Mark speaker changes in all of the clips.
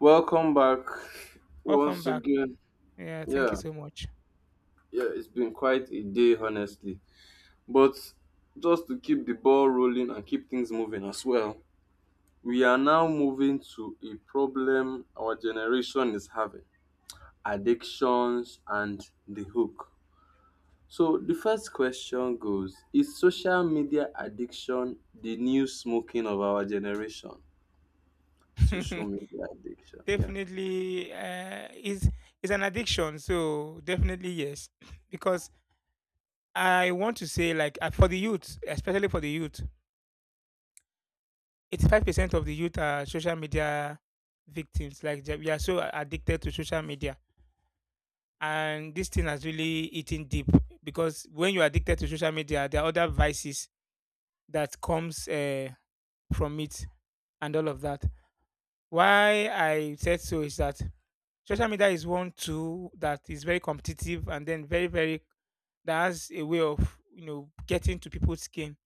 Speaker 1: Welcome back
Speaker 2: Welcome
Speaker 1: once
Speaker 2: back.
Speaker 1: again.
Speaker 2: Yeah, thank you
Speaker 1: Yeah,
Speaker 2: so much.
Speaker 1: yeah, it's been quite a day, honestly. But just to keep the ball rolling and keep things moving as well, we are now moving to a problem our generation is having, addictions and the hook. So, the first question goes, is social media addiction the new smoking of our generation? Social media addiction, yeah.
Speaker 2: Definitely, is an addiction. So definitely yes, because I want to say for the youth, especially for the youth, 85% of the youth are social media victims. We are so addicted to social media, and this thing has really eaten deep because when you're addicted to social media, there are other vices that comes from it and all of that. Why I said so is that social media is one tool that is very competitive and then very, that has a way of you know getting to people's skin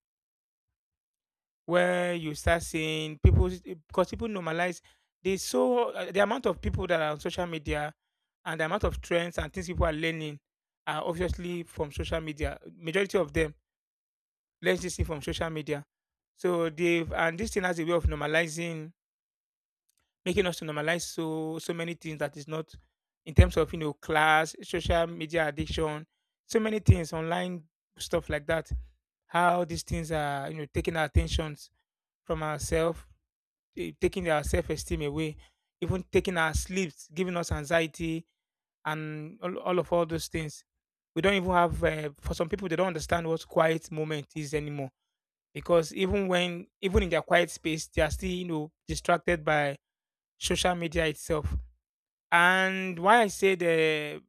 Speaker 2: where you start seeing people because people normalize the amount of people that are on social media and the amount of trends and things people are learning are obviously from social media, majority of them learn this thing from social media. So they've and this thing has a way of normalizing, making us to normalize so many things that is not, in terms of you know class, social media addiction, so many things, online stuff like that. How these things are you know taking our attentions from ourselves, taking our self esteem away, even taking our sleeps, giving us anxiety and all those things. We don't even have. For some people they don't understand what quiet moment is anymore because even in their quiet space they are still you know distracted by social media itself. And why I say the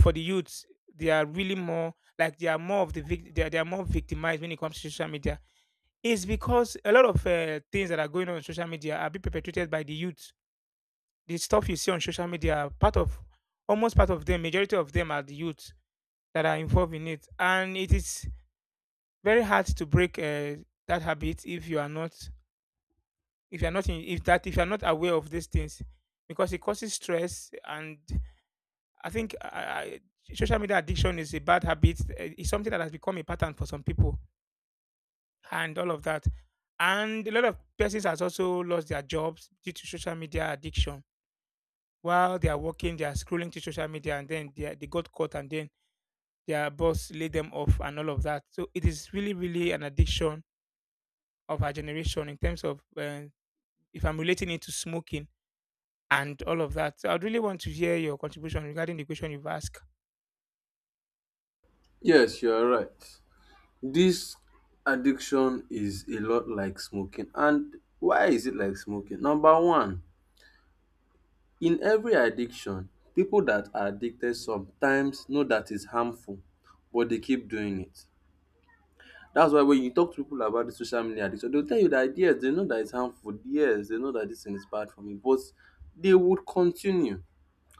Speaker 2: for the youths, they are really more like they are more victimized when it comes to social media, is because a lot of things that are going on social media are being perpetrated by the youth. The stuff you see on social media, are part of almost part of them, majority of them are the youth that are involved in it, and it is very hard to break that habit if you are not, if you are not in, if that if you are not aware of these things because it causes stress. And I think social media addiction is a bad habit. It's something that has become a pattern for some people, and all of that. And a lot of persons has also lost their jobs due to social media addiction. While they are working, they are scrolling to social media, and then they got caught, and then their boss laid them off, and all of that. So it is really, really an addiction of our generation in terms of if I'm relating it to smoking and all of that. So I'd really want to hear your contribution regarding the question you've asked.
Speaker 1: Yes, you are right. This addiction is a lot like smoking. And why is it like smoking? Number one, in every addiction, people that are addicted sometimes know that it's harmful, but they keep doing it. That's why when you talk to people about the social media addiction, they'll tell you that yes, they know that it's harmful. Yes, they know that this thing is bad for me, but they would continue.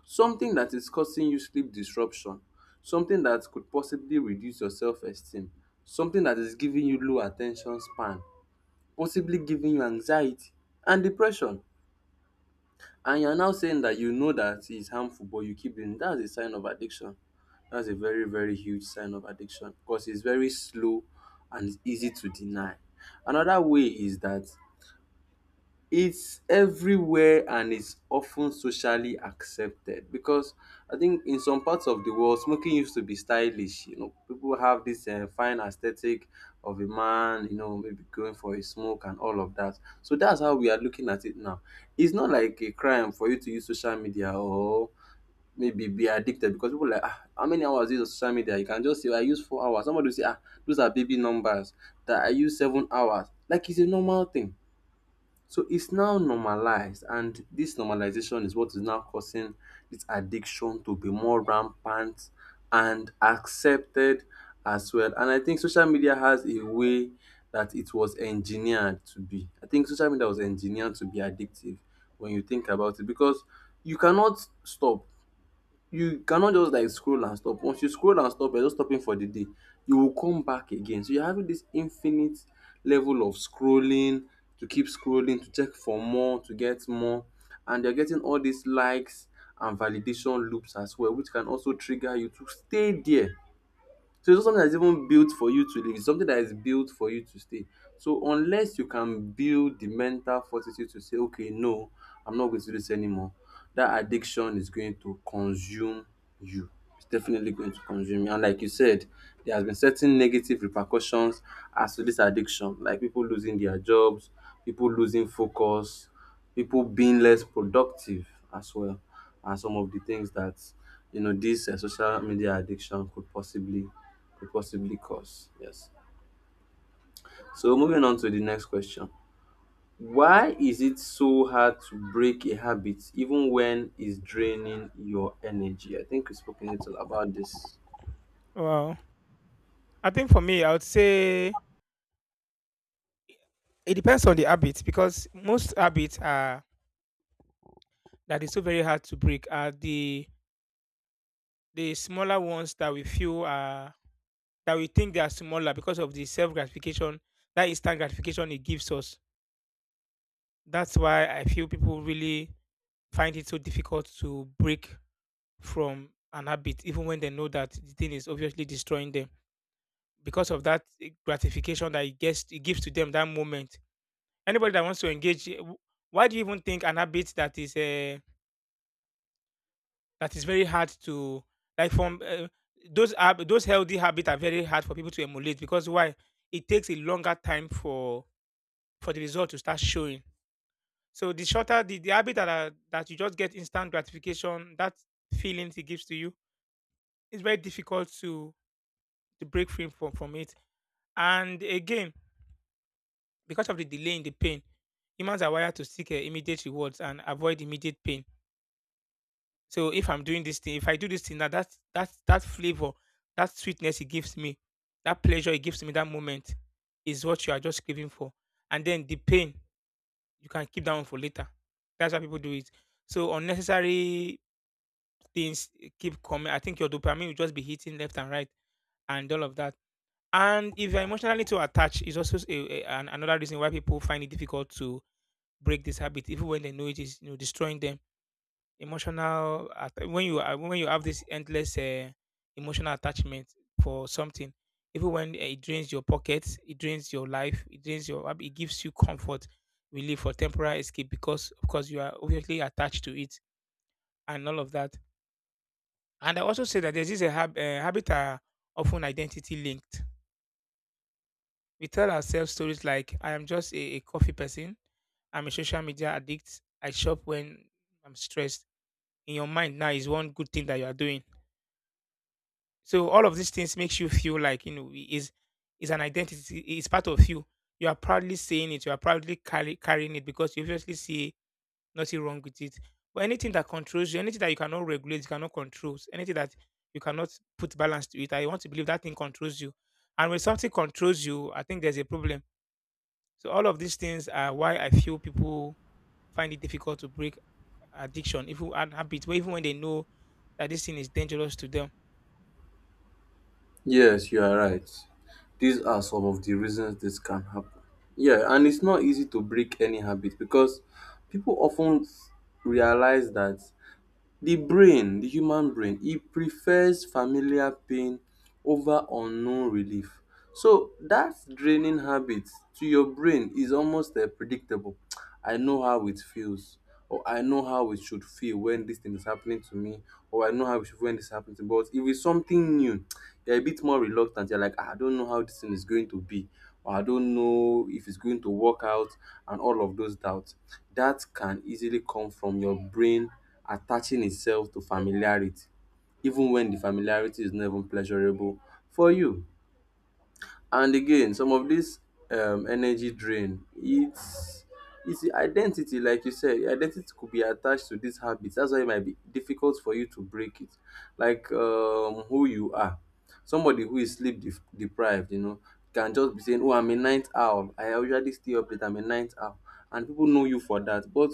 Speaker 1: Something that is causing you sleep disruption, something that could possibly reduce your self-esteem, something that is giving you low attention span, possibly giving you anxiety and depression, and you're now saying that you know that it's harmful but you keep doing it, that's a sign of addiction. That's a very, very huge sign of addiction because it's very slow and it's easy to deny. Another way is that it's everywhere and it's often socially accepted because I think in some parts of the world, smoking used to be stylish. You know, people have this fine aesthetic of a man, you know, maybe going for a smoke and all of that. So that's how we are looking at it now. It's not like a crime for you to use social media or maybe be addicted because people like, ah, how many hours is on social media? You can just say, I use 4 hours. Somebody will say, ah, those are baby numbers that I use 7 hours. Like it's a normal thing, so it's now normalized, and this normalization is what is now causing this addiction to be more rampant and accepted as well. And I think social media has a way that it was engineered to be. I think social media was engineered to be addictive when you think about it because you cannot stop. You cannot just like scroll and stop. Once you scroll and stop, you're just stopping for the day. You will come back again, so you're having this infinite level of scrolling, to keep scrolling, to check for more, to get more, and you're getting all these likes and validation loops as well, which can also trigger you to stay there. So it's not something that's even built for you to leave. It's something that is built for you to stay. So unless you can build the mental fortitude to say, okay, no, I'm not going to do this anymore, that addiction is going to consume you. It's definitely going to consume you. And like you said, there has been certain negative repercussions as to this addiction, like people losing their jobs, people losing focus, people being less productive as well, and some of the things that you know this social media addiction could possibly cause. Yes. So moving on to the next question. Why is it so hard to break a habit even when it's draining your energy? I think we spoke a little about this.
Speaker 2: Wow. I think for me, I would say it depends on the habit, because most habits are that is so very hard to break are the smaller ones that we feel are that we think they are smaller because of the self gratification, that instant gratification it gives us. That's why I feel people really find it so difficult to break from an habit, even when they know that the thing is obviously destroying them because of that gratification that it gives to them that moment. Anybody that wants to engage, why do you even think an habit that is a that is very hard to, like from those those healthy habits are very hard for people to emulate, because why? It takes a longer time for the result to start showing. So the shorter the habit that are, that you just get instant gratification, that feelings it gives to you, it's very difficult to break free from it. And again, because of the delay in the pain, humans are wired to seek immediate rewards and avoid immediate pain. So if I'm doing this thing, if I do this thing, that flavor, that sweetness it gives me, that pleasure it gives me, that moment is what you are just craving for. And then the pain, you can keep that one for later. That's why people do it. So unnecessary things keep coming. I think your dopamine will just be hitting left and right and all of that. And if you're emotionally too attached, is also another reason why people find it difficult to break this habit, even when they know it is you know destroying them emotional when you are when you have this endless emotional attachment for something, even when it drains your pockets, it drains your life, it drains your it gives you comfort, relief for temporary escape, because of course you are obviously attached to it and all of that. And I also say that there's this habit are often identity linked. We tell ourselves stories like I am just a coffee person, I'm a social media addict, I shop when I'm stressed. In your mind now is one good thing that you are doing. So all of these things makes you feel like you know is an identity. It's part of you. You are proudly saying it. You are proudly carrying it because you obviously see nothing wrong with it. But anything that controls you, anything that you cannot regulate, you cannot control, anything that you cannot put balance to it, I want to believe that thing controls you. And when something controls you, I think there's a problem. So all of these things are why I feel people find it difficult to break addiction, even and habit, even when they know that this thing is dangerous to them.
Speaker 1: Yes, you are right. These are some of the reasons this can happen. Yeah, and it's not easy to break any habit because people often realize that the brain, the human brain, it prefers familiar pain over unknown relief. So that draining habit to your brain is almost predictable. I know how it feels, or I know how it should feel when this thing is happening to me, or I know how it should feel when this happens to me. But if it's something new, you're a bit more reluctant. You're like, "Ah, I don't know how this thing is going to be, or I don't know if it's going to work out," and all of those doubts. That can easily come from your brain attaching itself to familiarity even when the familiarity is not even pleasurable for you. And again, some of this energy drain, it's the identity, like you said, your identity could be attached to these habits. That's why it might be difficult for you to break it. Like who you are, somebody who is deprived, you know, can just be saying, "Oh, I'm a night owl. I usually stay up late. I'm a night owl," and people know you for that. But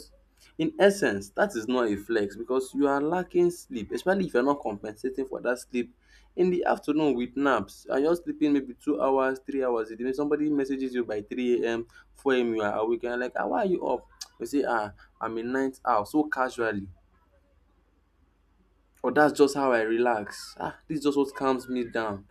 Speaker 1: in essence, that is not a flex because you are lacking sleep, especially if you're not compensating for that sleep in the afternoon with naps. And you're sleeping maybe 2 hours, 3 hours. If somebody messages you by 3 a.m., 4 a.m., you are awake and you're like, ah, why are you up? You say, ah, I'm in night owl, so casually, or that's just how I relax. Ah, this is just what calms me down.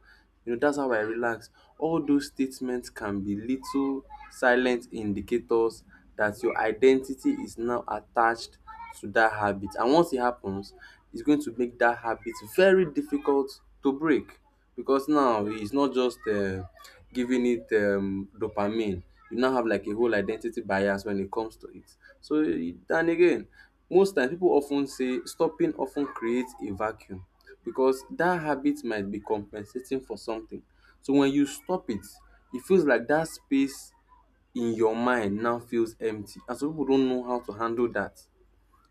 Speaker 1: You know, that's how I relax. All those statements can be little silent indicators that your identity is now attached to that habit. And once it happens, it's going to make that habit very difficult to break, because now it's not just giving it dopamine, you now have like a whole identity bias when it comes to it. And again, most times people often say stopping often creates a vacuum because that habit might be compensating for something. So when you stop it, it feels like that space in your mind now feels empty, and some people don't know how to handle that,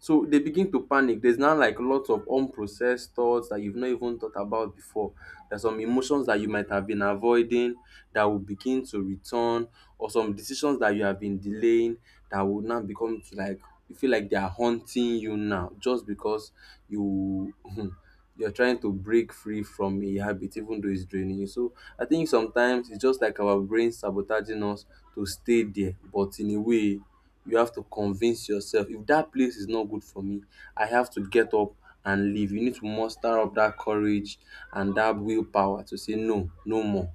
Speaker 1: so they begin to panic. There's now like lots of unprocessed thoughts that you've not even thought about before. There's some emotions that you might have been avoiding that will begin to return, or some decisions that you have been delaying that will now become to like you feel like they are haunting you now just because you you're trying to break free from a habit even though it's draining you. So I think sometimes it's just like our brain sabotaging us to stay there, but in a way, you have to convince yourself, if that place is not good for me, I have to get up and leave. You need to muster up that courage and that willpower to say, no, no more,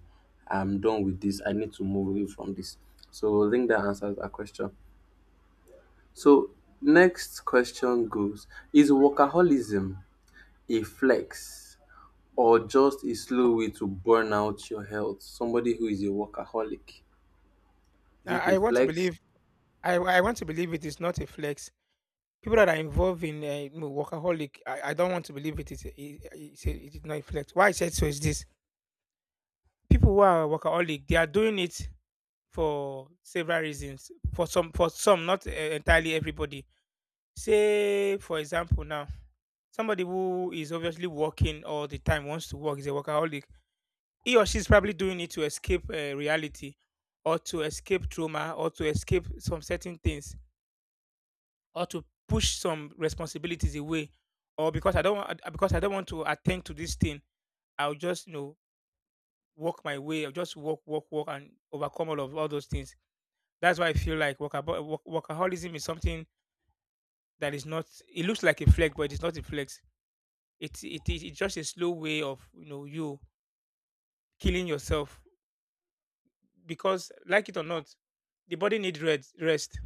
Speaker 1: I'm done with this, I need to move away from this. So I think that answers that question. So next question goes, is workaholism a flex or just a slow way to burn out your health? Somebody who is a workaholic, is it
Speaker 2: I
Speaker 1: a
Speaker 2: I want to
Speaker 1: flex?
Speaker 2: believe I want to believe it is not a flex. People that are involved in you know, workaholic, I don't want to believe it is a, it, it's a- it is not a flex. Why I said so is this: people who are workaholic, they are doing it for several reasons. For some, not entirely everybody. Say, for example, now somebody who is obviously working all the time wants to work is a workaholic. He or she is probably doing it to escape reality, or to escape trauma, or to escape some certain things, or to push some responsibilities away, or because I don't want to attend to this thing, I'll just you know walk my way. I'll just walk, and overcome all of all those things. That's why I feel like workaholism is something that is not. It looks like a flex, but it's not a flex. It's just a slow way of you know you killing yourself, because like it or not, the body needs rest. Rest.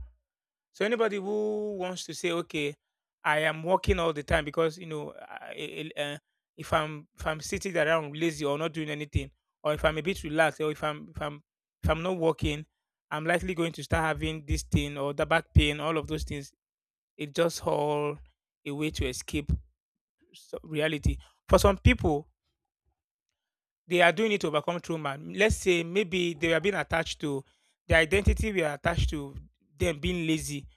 Speaker 2: So anybody who wants to say, okay, I am working all the time because you know, if I'm sitting around lazy or not doing anything, or if I'm a bit relaxed, or if I'm not working, I'm likely going to start having this thing or the back pain, all of those things. It's just all a way to escape reality. For some people, they are doing it to overcome trauma. Let's say maybe they were being attached to the identity we are attached to, them being lazy,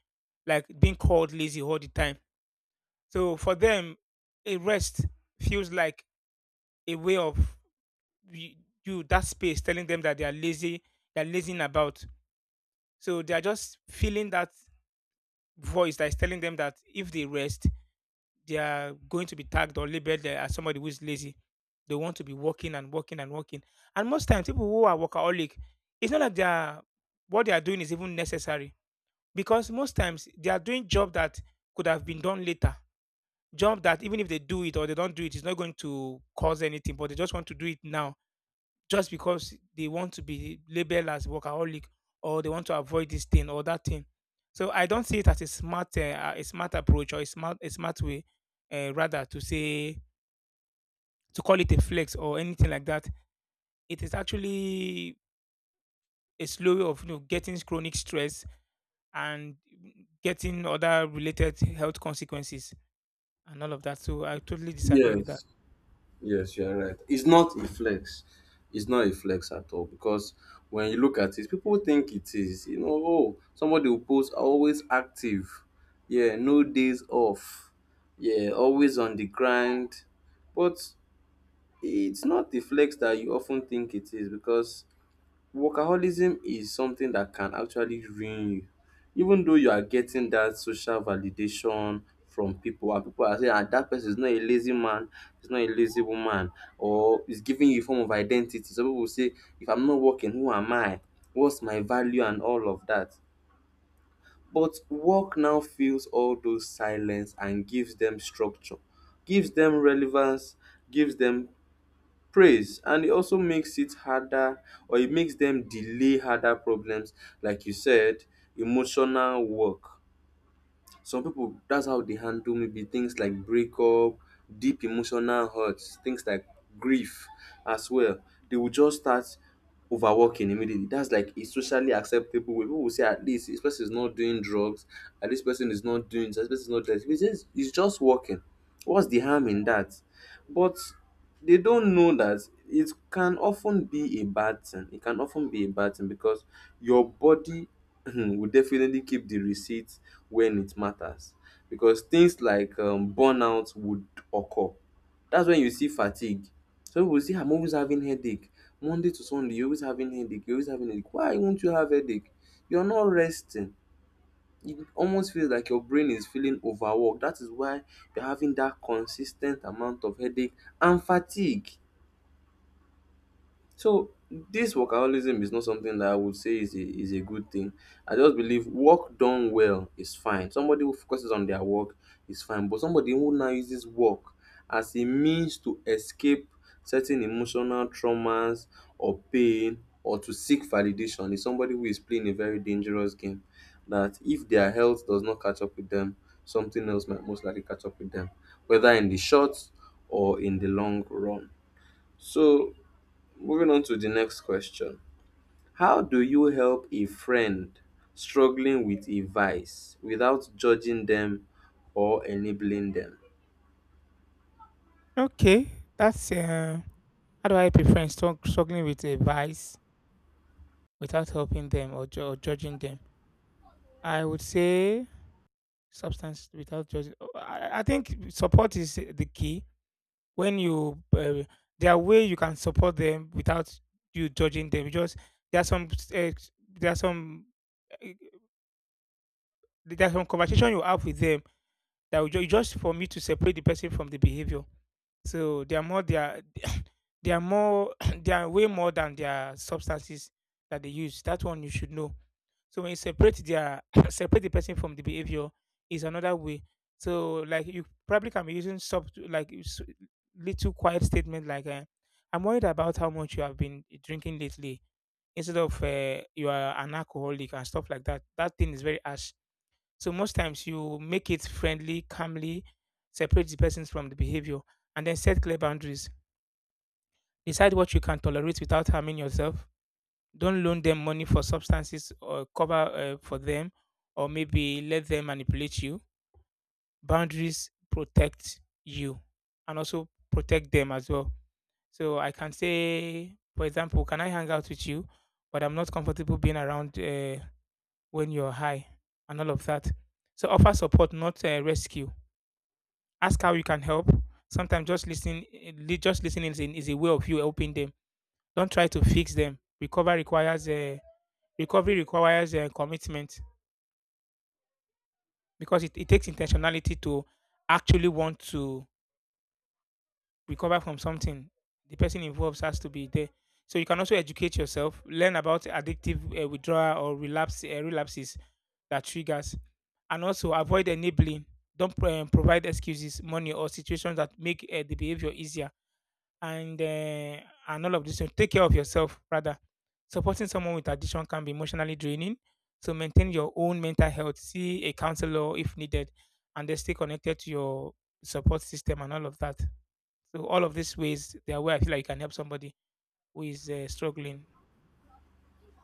Speaker 2: like being called lazy all the time. So for them, a rest feels like a way of y- you that space telling them that they are lazy, they're lazing about. So they are just feeling that voice that is telling them that if they rest, they are going to be tagged or labeled as somebody who is lazy. They want to be working and working and working. And most times, people who are workaholic, it's not like they are what they are doing is even necessary, because most times they are doing job that could have been done later. Job that even if they do it or they don't do it, it's not going to cause anything, but they just want to do it now just because they want to be labeled as workaholic, or they want to avoid this thing or that thing. So I don't see it as a smart approach or a smart way, rather to say, to call it a flex or anything like that. It is actually a slow way of you know getting chronic stress and getting other related health consequences and all of that. So I totally disagree with that.
Speaker 1: Yes. Yes, you are right. It's not a flex. It's not a flex at all because when you look at it, people think it is. You know, oh, somebody will post always active. Yeah, no days off. Yeah, always on the grind. But it's not the flex that you often think it is because workaholism is something that can actually ruin you. Even though you are getting that social validation from people and people are saying, ah, that person is not a lazy man, is not a lazy woman, or is giving you a form of identity. Some people say, if I'm not working, who am I? What's my value and all of that. But work now fills all those silence and gives them structure, gives them relevance, gives them praise, and it also makes it harder, or it makes them delay harder problems, like you said, emotional work. Some people, that's how they handle maybe things like breakup, deep emotional hurts, things like grief as well. They will just start overworking immediately. That's like a socially acceptable way. People will say at least this person is not doing drugs, at least person is not doing this, this person is not doing this, it's just working, what's the harm in that? But they don't know that it can often be a bad thing. It can often be a bad thing because your body will definitely keep the receipt when it matters, because things like burnout would occur. That's when you see fatigue. Some people say, I'm always having headache. Monday to Sunday, you're always having headache, you're always having headache. Why won't you have headache? You're not resting. It almost feels like your brain is feeling overworked. That is why you're having that consistent amount of headache and fatigue. So this workaholism is not something that I would say is a good thing. I just believe work done well is fine. Somebody who focuses on their work is fine, but somebody who now uses work as a means to escape certain emotional traumas or pain or to seek validation is somebody who is playing a very dangerous game that if their health does not catch up with them, something else might most likely catch up with them, whether in the short or in the long run. So moving on to the next question. How do you help a friend struggling with a vice without judging them or enabling them?
Speaker 2: Okay, that's how do I prefer struggling with a vice without helping them or, or judging them. I would say substance without judging. Oh, I think support is the key. When you there are way you can support them without you judging them. You just there are some uh, there are some uh, there are some conversation you have with them that will just for me to separate the person from the behavior. So they are more they are they are more they are way more than their substances that they use. That one you should know. So when you separate their separate the person from the behavior is another way. So like you probably can be using little quiet statement like, I'm worried about how much you have been drinking lately instead of, you are an alcoholic and stuff like that. That thing is very harsh. So most times you make it friendly, calmly, separate the persons from the behavior, and then set clear boundaries. Decide what you can tolerate without harming yourself. Don't loan them money for substances or cover for them, or maybe let them manipulate you. Boundaries protect you and also protect them as well. So I can say, for example, can I hang out with you, but I'm not comfortable being around when you're high and all of that. So offer support, not rescue. Ask how you can help. Sometimes just listening, just listening is, is a way of you helping them. Don't try to fix them. Recovery requires a commitment, because it takes intentionality to actually want to recover from something. The person involved has to be there, so you can also educate yourself, learn about addictive, withdrawal or relapses that triggers, and also avoid enabling. Don't pro- provide excuses, money, or situations that make the behavior easier and uh, and all of this. So take care of yourself rather. Supporting someone with addiction can be emotionally draining. So maintain your own mental health. See a counselor if needed, and then stay connected to your support system and all of that. So all of these ways, they are where I feel like you can help somebody who is struggling.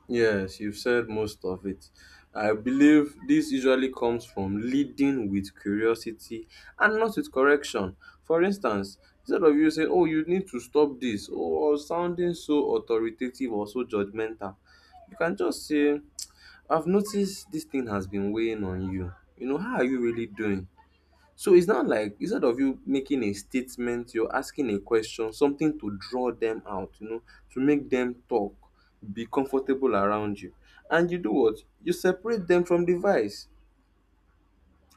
Speaker 1: Yes, you've said most of it. I believe this usually comes from leading with curiosity and not with correction. For instance, instead of you saying, "Oh, you need to stop this," or sounding so authoritative or so judgmental, you can just say, "I've noticed this thing has been weighing on you. You know, how are you really doing?" So it's not like, instead of you making a statement, you're asking a question, something to draw them out, you know, to make them talk, be comfortable around you. And you do what? You separate them from the vice.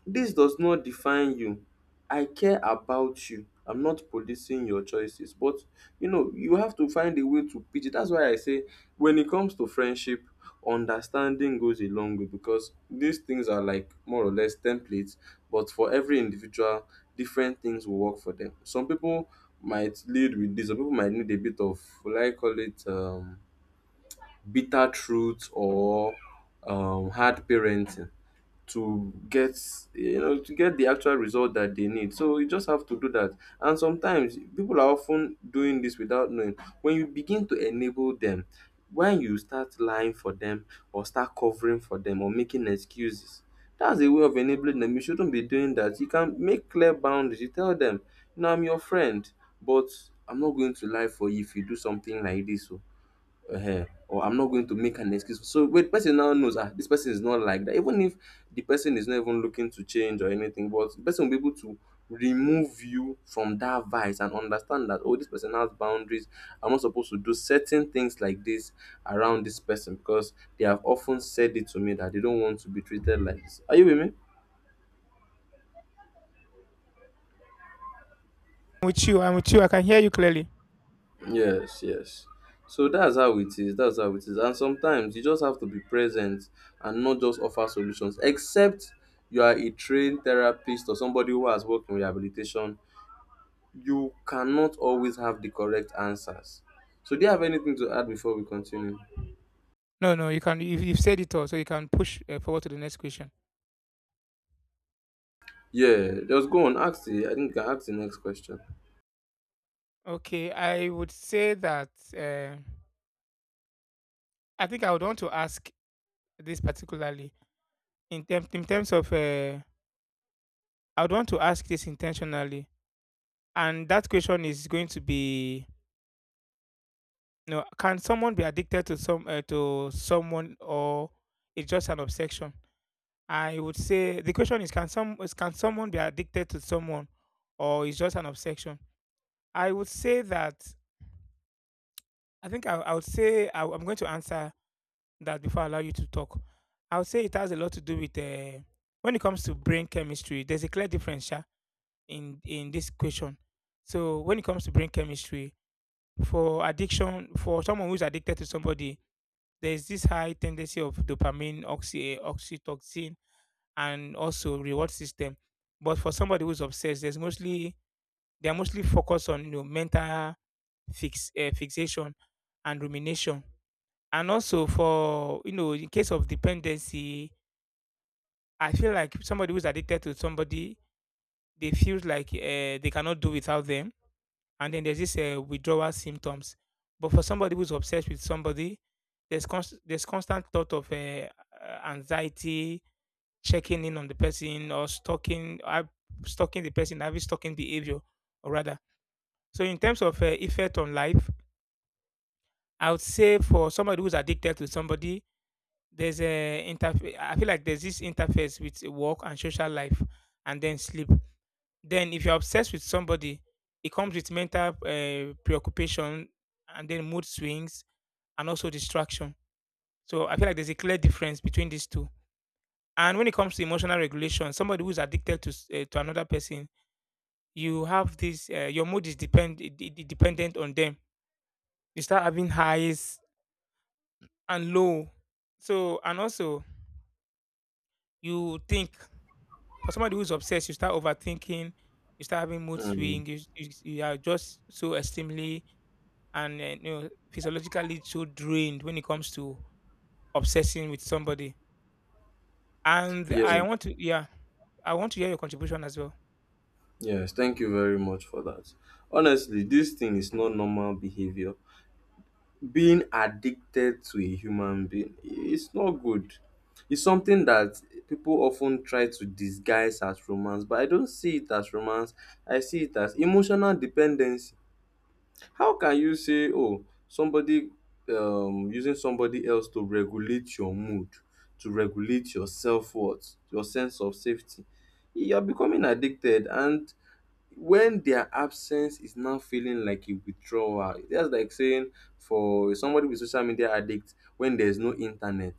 Speaker 1: This does not define you. I care about you. I'm not policing your choices. But you know, you have to find a way to pitch it. That's why I say, when it comes to friendship, understanding goes a long way, because these things are like more or less templates, but for every individual, different things will work for them. Some people might lead with this, some people might need a bit of, will I call it bitter truth or hard parenting to get, you know, to get the actual result that they need. So you just have to do that. And sometimes people are often doing this without knowing. When you begin to enable them, when you start lying for them or start covering for them or making excuses, that's a way of enabling them. You shouldn't be doing that. You can make clear boundaries. You tell them, you know, "I'm your friend, but I'm not going to lie for you if you do something like this, oh." Or, "I'm not going to make an excuse." So wait, person now knows, ah, this person is not like that. Even if the person is not even looking to change or anything, but the person will be able to remove you from that vice and understand that, oh, this person has boundaries. I'm not supposed to do certain things like this around this person, because they have often said it to me that they don't want to be treated like this. Are you with me?
Speaker 2: With you, I'm with you. I can hear you clearly.
Speaker 1: Yes, yes. So that's how it is. That's how it is. And sometimes you just have to be present and not just offer solutions. Except you are a trained therapist or somebody who has worked in rehabilitation, you cannot always have the correct answers. So do you have anything to add before we continue?
Speaker 2: No, no, you can. You've said it all, so you can push forward to the next question.
Speaker 1: Yeah, just go on. Ask the. I think you can ask the next question.
Speaker 2: Okay, I would say that, uh, I think I would want to ask this particularly. In terms of, I would want to ask this intentionally, and that question is going to be, you know, can someone be addicted to someone, or it's just an obsession? I would say the question is, can someone be addicted to someone, or it's just an obsession? I would say that I think I would say I, I'm going to answer that before I allow you to talk. I would say it has a lot to do with, when it comes to brain chemistry. There's a clear difference, yeah, in this question. So when it comes to brain chemistry, for addiction, for someone who's addicted to somebody, there is this high tendency of dopamine, oxytocin, and also reward system. But for somebody who's obsessed, there's mostly they are mostly focused on, you know, mental fixation and rumination. And also, for you know, in case of dependency, I feel like somebody who's addicted to somebody, they feel like they cannot do without them, and then there's this withdrawal symptoms. But for somebody who's obsessed with somebody, there's there's constant thought of, anxiety, checking in on the person, or stalking, stalking the person, having stalking behavior, or rather. So in terms of effect on life, I would say for somebody who's addicted to somebody, there's a interface. I feel like there's this interface with work and social life, and then sleep. Then, if you're obsessed with somebody, it comes with mental preoccupation, and then mood swings, and also distraction. So I feel like there's a clear difference between these two. And when it comes to emotional regulation, somebody who's addicted to another person, you have this. Your mood is depend it, it, it dependent on them. You start having highs and low. So, and also you think, for somebody who's obsessed, you start overthinking, you start having mood
Speaker 1: Mm.
Speaker 2: swing. You are just so extremely and, you know, physiologically so drained when it comes to obsessing with somebody. And
Speaker 1: Yeah,
Speaker 2: I want to, yeah, I want to hear your contribution as well.
Speaker 1: yes, thank you very much for that. Honestly, this thing is not normal behavior. Being addicted to a human being, it's not good. It's something that people often try to disguise as romance, but I don't see it as romance. I see it as emotional dependency. How can you say, oh, somebody using somebody else to regulate your mood, to regulate your self worth, your sense of safety? You're becoming addicted, and when their absence is now feeling like a withdrawal, that's like saying, for somebody with social media addict, when there's no internet,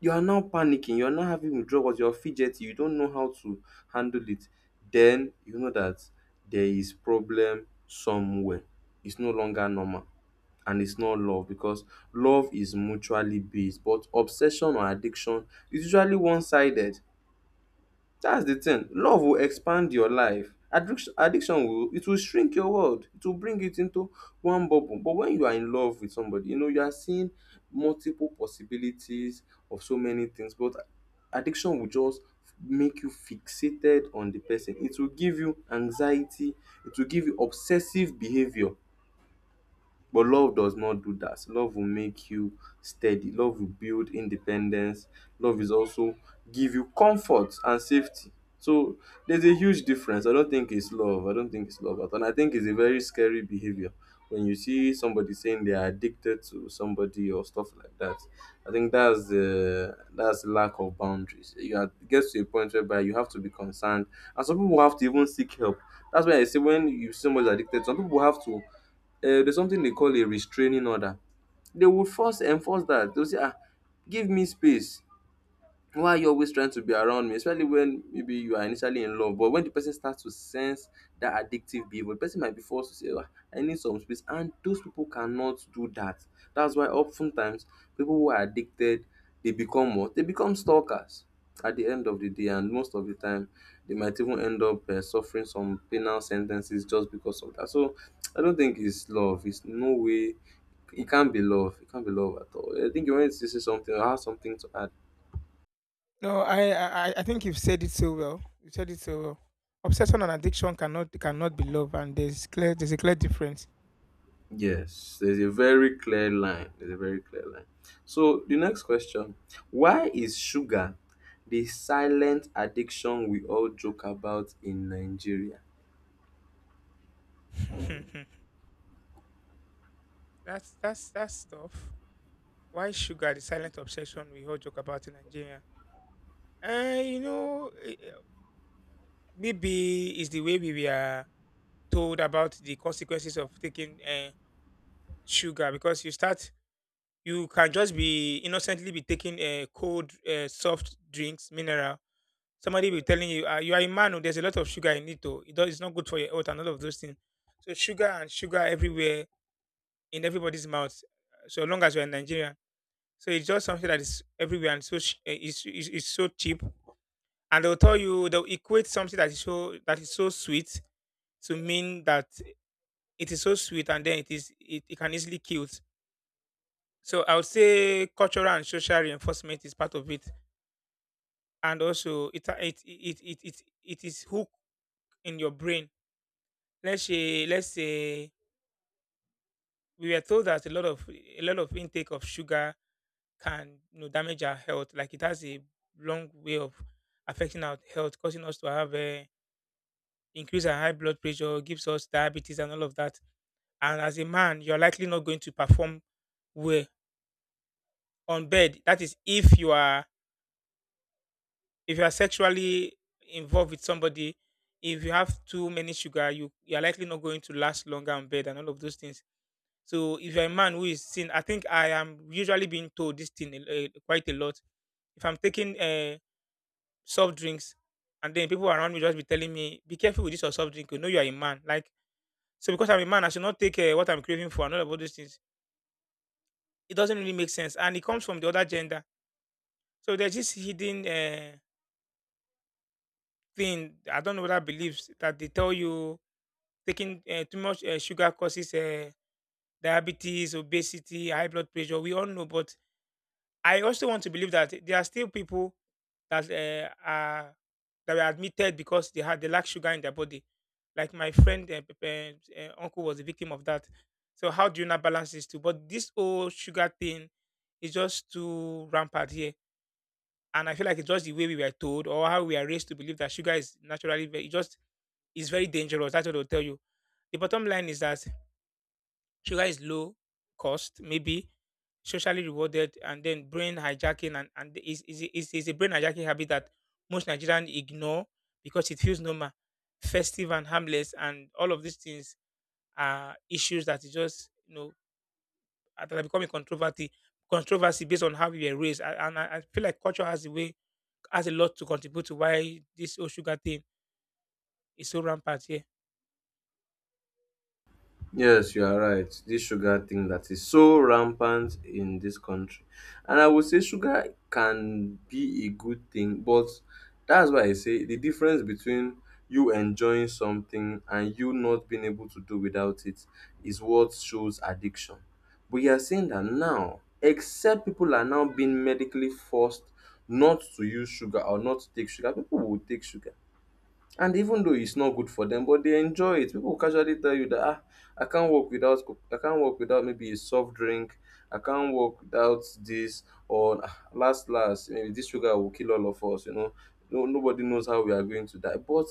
Speaker 1: you are now panicking, you're now having withdrawals, you're fidgety, you don't know how to handle it, then you know that there is problem somewhere. It's no longer normal, and it's not love, because love is mutually based, but obsession or addiction is usually one-sided. That's the thing. Love will expand your life. Addiction will, it will shrink your world. It will bring it into one bubble. But when you are in love with somebody, you know you are seeing multiple possibilities of so many things. But addiction will just make you fixated on the person. It will give you anxiety. It will give you obsessive behavior. But love does not do that. Love will make you steady. Love will build independence. Love is also give you comfort and safety. So there's a huge difference. I don't think it's love. I don't think it's love at all. And I think it's a very scary behavior when you see somebody saying they are addicted to somebody or stuff like that. I think that's the, that's lack of boundaries. You are, it gets to a point whereby you have to be concerned, and some people have to even seek help. That's why I say, when you see somebody addicted, some people have to, there's something they call a restraining order. They will first enforce that. They'll say, ah, give me space. Why are you always trying to be around me, especially when maybe you are initially in love? But when the person starts to sense that addictive behavior, the person might be forced to say, "Ah, I need some space," and those people cannot do that. That's why oftentimes people who are addicted, they become what, they become stalkers at the end of the day, and most of the time they might even end up suffering some penal sentences just because of that. So I don't think it's love. It's no way. It can't be love. It can't be love at all. I think you wanted to say something or have something to add.
Speaker 2: No, I think you've said it so well. You said it so well. Obsession and addiction cannot be love, and there's a clear difference.
Speaker 1: Yes, there's a very clear line. There's a very clear line. So the next question: why is sugar the silent addiction we all joke about in Nigeria?
Speaker 2: That's that stuff. Why sugar? The silent obsession we all joke about in Nigeria. You know, maybe it's the way we were told about the consequences of taking, sugar. Because you start, you can just be innocently be taking, cold, soft drinks, mineral. Somebody will be telling you, you are a man, oh, there's a lot of sugar in it, oh. It does, it's not good for your health, and all of those things. So sugar and sugar everywhere, in everybody's mouth, so long as you're in Nigeria. So it's just something that is everywhere, and so it's, it's so cheap. And they'll tell you, they'll equate something that is so, sweet, to mean that it is so sweet, and then it is, it can easily kill. So I would say cultural and social reinforcement is part of it, and also it is hooked in your brain. Let's say we were told that a lot of intake of sugar can, you know, damage our health. Like it has a long way of affecting our health, causing us to have a increase, our high blood pressure, gives us diabetes and all of that. And as a man, you're likely not going to perform well on bed. That is if you are, sexually involved with somebody. If you have too many sugar, you are likely not going to last longer on bed and all of those things. So if you're a man who is seen, I think I am usually being told this thing quite a lot. If I'm taking, soft drinks. And then people around me just be telling me, be careful with this or soft drink. You know you are a man. Like, so because I'm a man, I should not take what I'm craving for, and all those things. It doesn't really make sense. And it comes from the other gender. So there's this hidden, thing, I don't know what whether believes that they tell you taking, too much, sugar causes, diabetes, obesity, high blood pressure. We all know, but I also want to believe that there are still people that, are that were admitted because they had, they lack sugar in their body. Like my friend, uncle was a victim of that. So how do you not balance these two? But this whole sugar thing is just too rampant here, and I feel like it's just the way we were told, or how we are raised to believe that sugar is naturally very, it just is very dangerous. That's what they'll tell you. The bottom line is that sugar is low cost, maybe socially rewarded, and then brain hijacking, and is a brain hijacking habit that most Nigerians ignore, because it feels normal, festive and harmless, and all of these things are issues that is just, you know, that are becoming controversy based on how we were raised. And, I, feel like culture has a way, has a lot to contribute to why this whole sugar thing is so rampant here.
Speaker 1: Yes, you are right. This sugar thing that is so rampant in this country. And I would say sugar can be a good thing, but that's why I say the difference between you enjoying something and you not being able to do without it is what shows addiction. But you are saying that now, except people are now being medically forced not to use sugar or not to take sugar, people will take sugar. And even though it's not good for them, but they enjoy it. People will casually tell you that, ah, I can't work without maybe a soft drink. I can't work without this, or, "Ah, last last, maybe this sugar will kill all of us." You know, no, nobody knows how we are going to die. But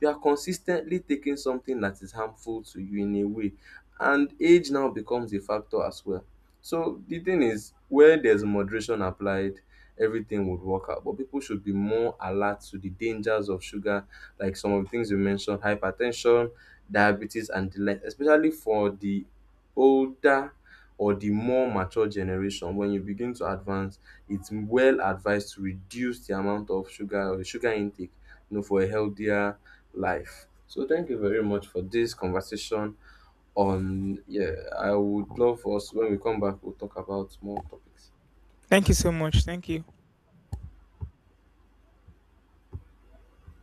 Speaker 1: you are consistently taking something that is harmful to you in a way, and age now becomes a factor as well. So the thing is, where there's moderation applied, everything would work out. But people should be more alert to the dangers of sugar, like some of the things you mentioned, hypertension, diabetes, and the like, especially for the older or the more mature generation. When you begin to advance, it's well advised to reduce the amount of sugar or sugar intake, you know, for a healthier life. So thank you very much for this conversation. On, yeah, I would love for us, when we come back, we'll talk about more topics.
Speaker 2: Thank you so much. Thank you.